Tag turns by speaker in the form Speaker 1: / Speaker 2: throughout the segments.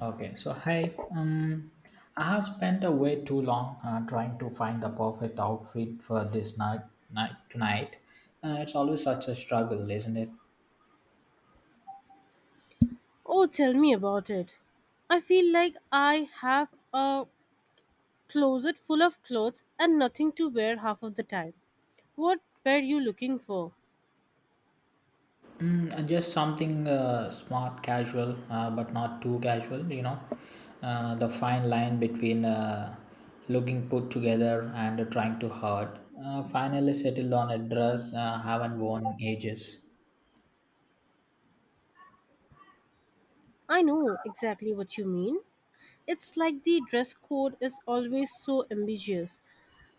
Speaker 1: Okay, so hi. I have spent a way too long trying to find the perfect outfit for this night tonight. It's always such a struggle, isn't it?
Speaker 2: Oh, tell me about it. I feel like I have a closet full of clothes and nothing to wear half of the time. What were you looking for?
Speaker 1: And just something smart, casual, but not too casual. You know, the fine line between looking put together and trying too hard. Finally settled on a dress I haven't worn in ages.
Speaker 2: I know exactly what you mean. It's like the dress code is always so ambiguous.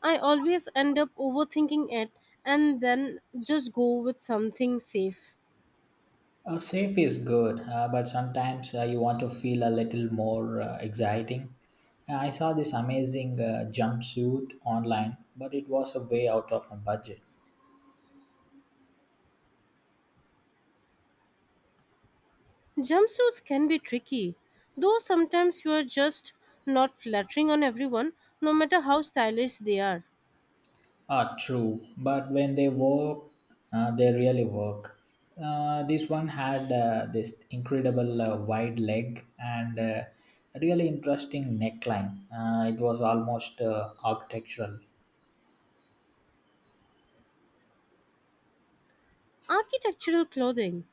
Speaker 2: I always end up overthinking it and then just go with something safe.
Speaker 1: Safe is good, but sometimes you want to feel a little more exciting. I saw this amazing jumpsuit online, but it was a way out of my budget.
Speaker 2: Jumpsuits can be tricky, though sometimes you are just not flattering on everyone, no matter how stylish they are.
Speaker 1: Ah, true. But when they work, they really work. This one had this incredible wide leg and a really interesting neckline. It was almost architectural.
Speaker 2: Architectural clothing.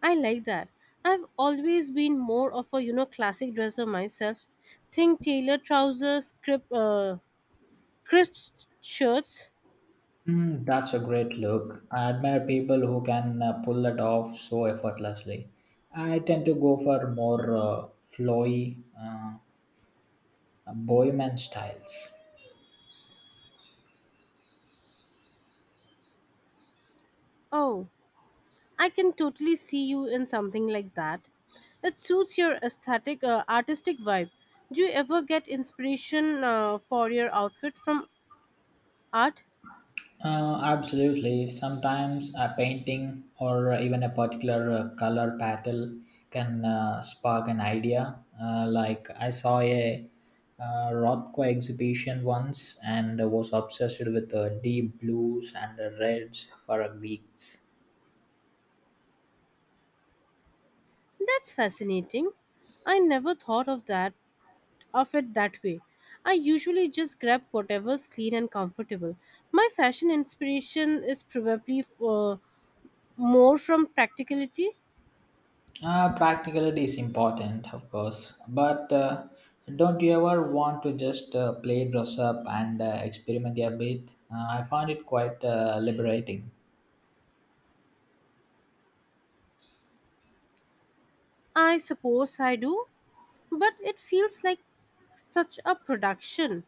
Speaker 2: I like that. I've always been more of a classic dresser myself. Think tailored trousers, crisp shirts.
Speaker 1: That's a great look. I admire people who can pull that off so effortlessly. I tend to go for more flowy, bohemian styles.
Speaker 2: Oh, I can totally see you in something like that. It suits your aesthetic, artistic vibe. Do you ever get inspiration for your outfit from art?
Speaker 1: Absolutely. Sometimes a painting or even a particular color pattern can spark an idea. Like I saw a Rothko exhibition once and was obsessed with deep blues and reds for weeks.
Speaker 2: That's fascinating. I never thought of it that way. I usually just grab whatever's clean and comfortable. My fashion inspiration is probably more from practicality.
Speaker 1: Practicality is important, of course, but don't you ever want to just play dress up and experiment a bit? I find it quite liberating.
Speaker 2: I suppose I do, but it feels like such a production.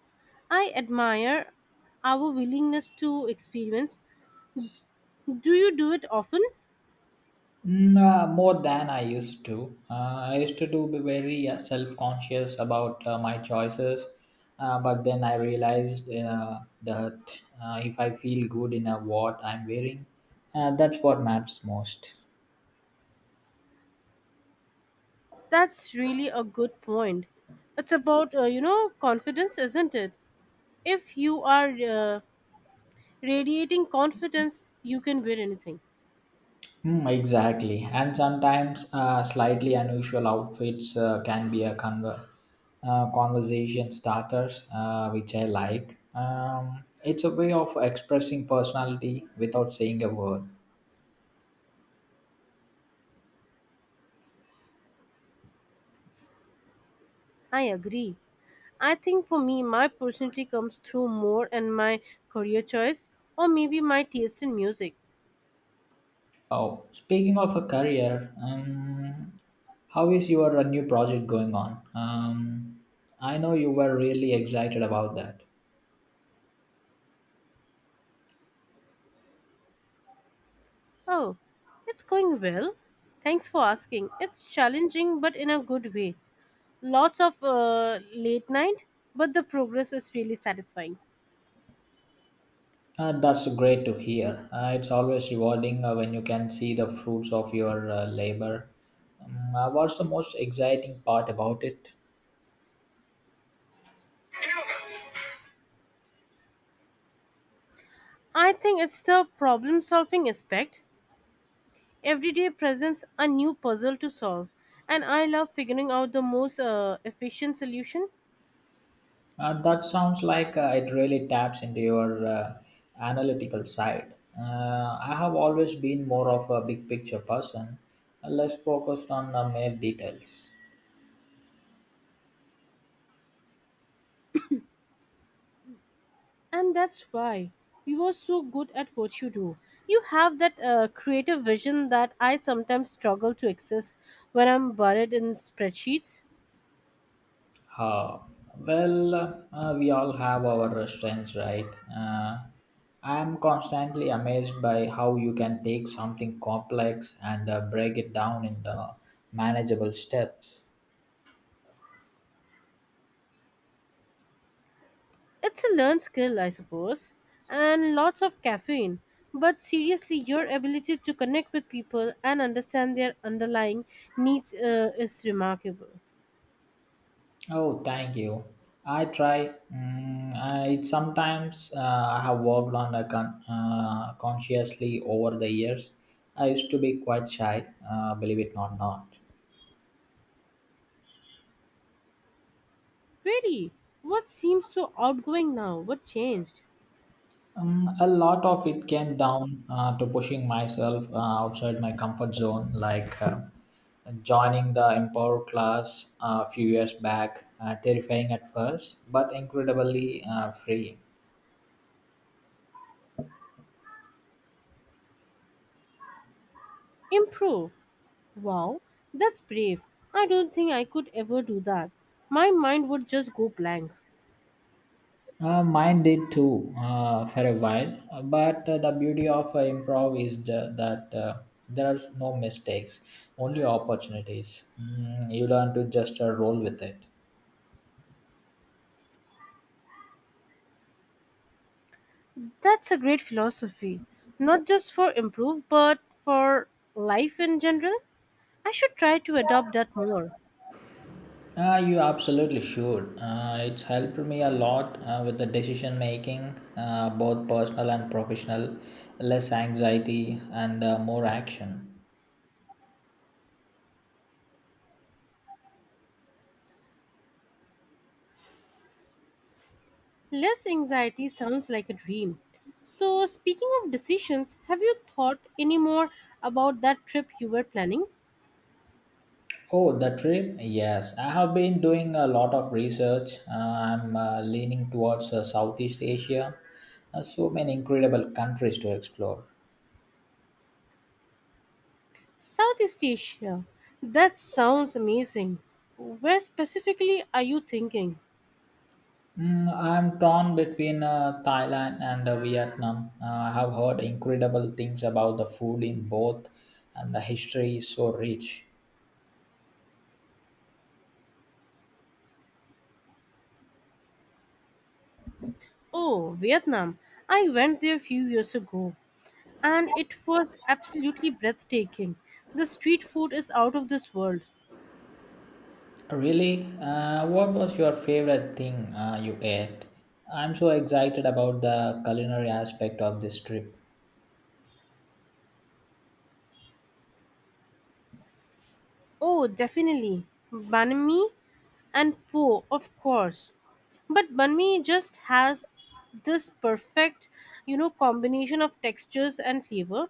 Speaker 2: I admire our willingness to experience. Do you do it often?
Speaker 1: More than I used to. I used to do be very self-conscious about my choices, but then I realized that if I feel good in what I'm wearing, that's what matters most.
Speaker 2: That's really a good point. It's about, confidence, isn't it? If you are radiating confidence, you can wear anything.
Speaker 1: Hmm, exactly, and sometimes slightly unusual outfits can be a conversation starters, which I like. It's a way of expressing personality without saying a word.
Speaker 2: I agree. I think for me, my personality comes through more and my career choice, or maybe my taste in music.
Speaker 1: Oh, speaking of a career, how is your new project going on? I know you were really excited about that.
Speaker 2: Oh, it's going well. Thanks for asking. It's challenging, but in a good way. Lots of late night, but the progress is really satisfying.
Speaker 1: That's great to hear. It's always rewarding when you can see the fruits of your labor. What's the most exciting part about it?
Speaker 2: I think it's the problem solving aspect. Every day presents a new puzzle to solve, and I love figuring out the most efficient solution.
Speaker 1: That sounds like it really taps into your analytical side. I have always been more of a big picture person, less focused on mere details.
Speaker 2: And that's why you are so good at what you do. You have that creative vision that I sometimes struggle to access when I'm buried in spreadsheets.
Speaker 1: Uh, well, we all have our strengths, right? Uh, I am constantly amazed by how you can take something complex and break it down into manageable steps.
Speaker 2: It's a learned skill, I suppose, and lots of caffeine. But seriously, your ability to connect with people and understand their underlying needs is remarkable.
Speaker 1: Oh, thank you. I try. It sometimes I have worked on a consciously over the years. I used to be quite shy, believe it or not.
Speaker 2: Really, what seems so outgoing now? What changed?
Speaker 1: A lot of it came down to pushing myself outside my comfort zone, like joining the Empower class a few years back. Terrifying at first, but incredibly freeing.
Speaker 2: Improve. Wow, that's brave. I don't think I could ever do that. My mind would just go blank.
Speaker 1: Mine did too for a while, but the beauty of improv is that there are no mistakes, only opportunities. You learn to just roll with it.
Speaker 2: That's a great philosophy, not just for improve, but for life in general. I should try to adopt that more.
Speaker 1: You absolutely should. It's helped me a lot with the decision making, both personal and professional, less anxiety and more action.
Speaker 2: Less anxiety sounds like a dream. So, speaking of decisions, have you thought any more about that trip you were planning?
Speaker 1: Oh, the trip? Yes, I have been doing a lot of research. I'm leaning towards Southeast Asia. So many incredible countries to explore.
Speaker 2: Southeast Asia. That sounds amazing. Where specifically are you thinking?
Speaker 1: I'm torn between Thailand and Vietnam. I have heard incredible things about the food in both, and the history is so rich.
Speaker 2: Oh, Vietnam. I went there a few years ago and it was absolutely breathtaking. The street food is out of this world.
Speaker 1: Really, what was your favorite thing you ate? I'm so excited about the culinary aspect of this trip.
Speaker 2: Oh, definitely. Banh mi and pho, of course. But banh mi just has this perfect, combination of textures and flavor.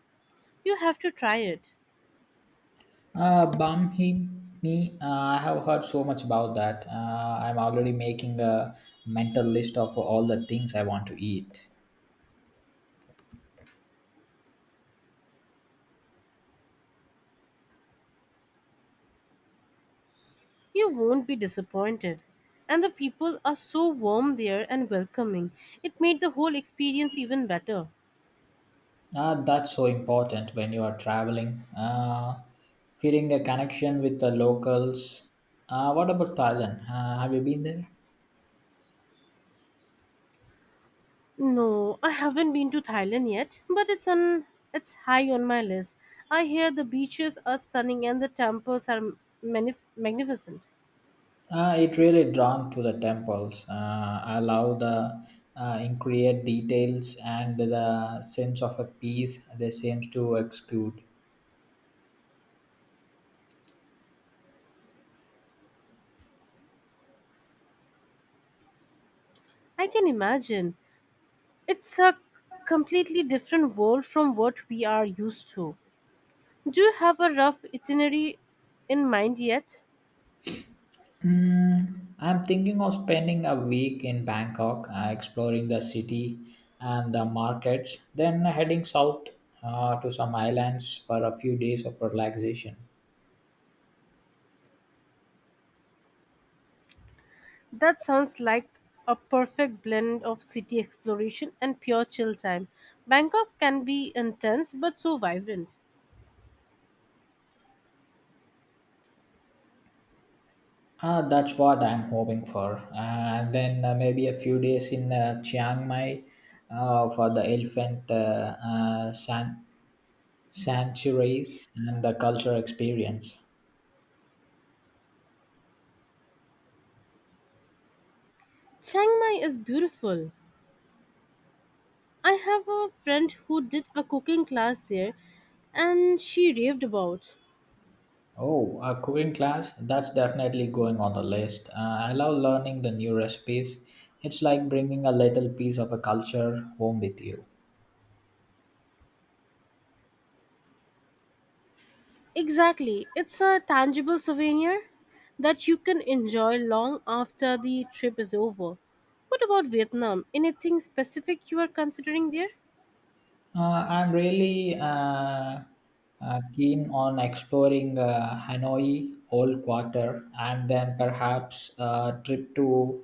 Speaker 2: You have to try it.
Speaker 1: Bam Hi Mi, I have heard so much about that. I'm already making a mental list of all the things I want to eat.
Speaker 2: You won't be disappointed. And the people are so warm there and welcoming. It made the whole experience even better.
Speaker 1: That's so important when you are traveling. Feeling a connection with the locals. What about Thailand? Have you been there?
Speaker 2: No, I haven't been to Thailand yet, but it's high on my list. I hear the beaches are stunning and the temples are magnificent.
Speaker 1: It really drawn to the temples. I love the intricate details and the sense of a peace they seems to exude.
Speaker 2: I can imagine. It's a completely different world from what we are used to. Do you have a rough itinerary in mind yet?
Speaker 1: I'm thinking of spending a week in Bangkok, exploring the city and the markets, then heading south to some islands for a few days of relaxation.
Speaker 2: That sounds like a perfect blend of city exploration and pure chill time. Bangkok can be intense but so vibrant.
Speaker 1: That's what I'm hoping for. And then maybe a few days in Chiang Mai for the elephant sanctuaries and the cultural experience.
Speaker 2: Chiang Mai is beautiful. I have a friend who did a cooking class there and she raved about.
Speaker 1: Oh, a cooking class? That's definitely going on the list. I love learning the new recipes. It's like bringing a little piece of a culture home with you.
Speaker 2: Exactly, it's a tangible souvenir that you can enjoy long after the trip is over. What about Vietnam? Anything specific you are considering there?
Speaker 1: I'm really keen on exploring Hanoi Old Quarter and then perhaps a trip to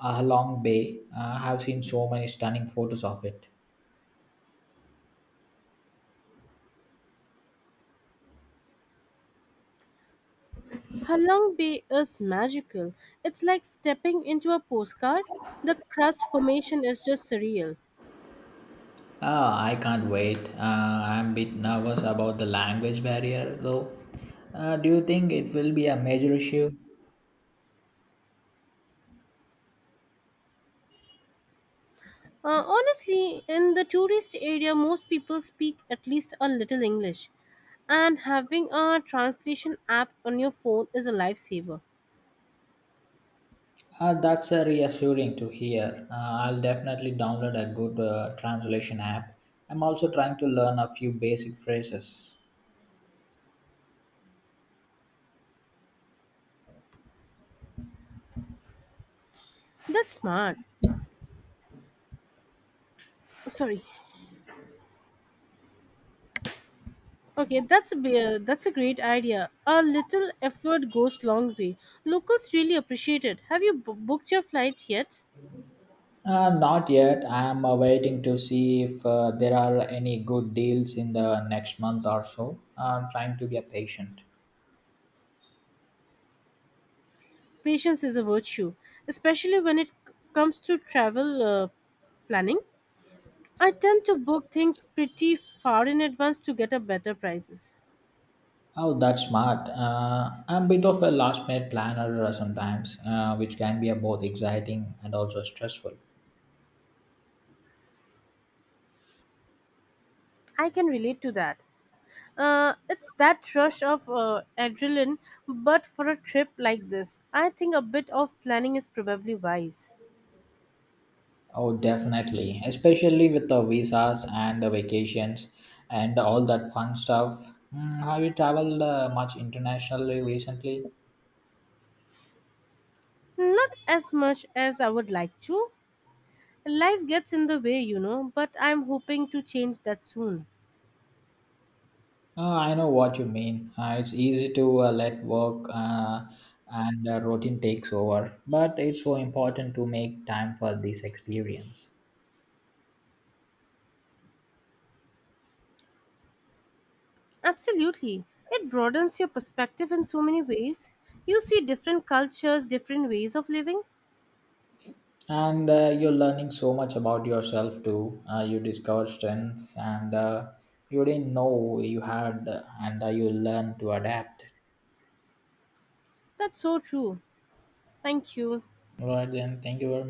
Speaker 1: Halong Bay. I have seen so many stunning photos of it.
Speaker 2: Halong Bay is magical. It's like stepping into a postcard. The crust formation is just surreal.
Speaker 1: Ah, I can't wait. I'm a bit nervous about the language barrier, though. Do you think it will be a major issue?
Speaker 2: Honestly, in the tourist area, most people speak at least a little English, and having a translation app on your phone is a lifesaver.
Speaker 1: That's reassuring to hear. I'll definitely download a good translation app. I'm also trying to learn a few basic phrases.
Speaker 2: That's smart. Sorry. Okay, that's a great idea. A little effort goes long way. Locals really appreciate it. Have you booked your flight yet?
Speaker 1: Not yet. I'm waiting to see if there are any good deals in the next month or so. Ah, I'm trying to be a patient.
Speaker 2: Patience is a virtue, especially when it comes to travel planning. I tend to book things pretty far in advance to get a better prices.
Speaker 1: Oh, that's smart. I'm a bit of a last minute planner sometimes, which can be both exciting and also stressful.
Speaker 2: I can relate to that. It's that rush of adrenaline, but for a trip like this, I think a bit of planning is probably wise.
Speaker 1: Oh, definitely, especially with the visas and the vacations and all that fun stuff. Have you traveled much internationally recently?
Speaker 2: Not as much as I would like to. Life gets in the way, you know, but I'm hoping to change that soon.
Speaker 1: I know what you mean. It's easy to let work and routine takes over, but it's so important to make time for this experience.
Speaker 2: Absolutely. It broadens your perspective in so many ways. You see different cultures, different ways of living.
Speaker 1: And you're learning so much about yourself too you discover strengths and you didn't know you had and you learn to adapt.
Speaker 2: That's so true. Thank you.
Speaker 1: All right then, thank you very much.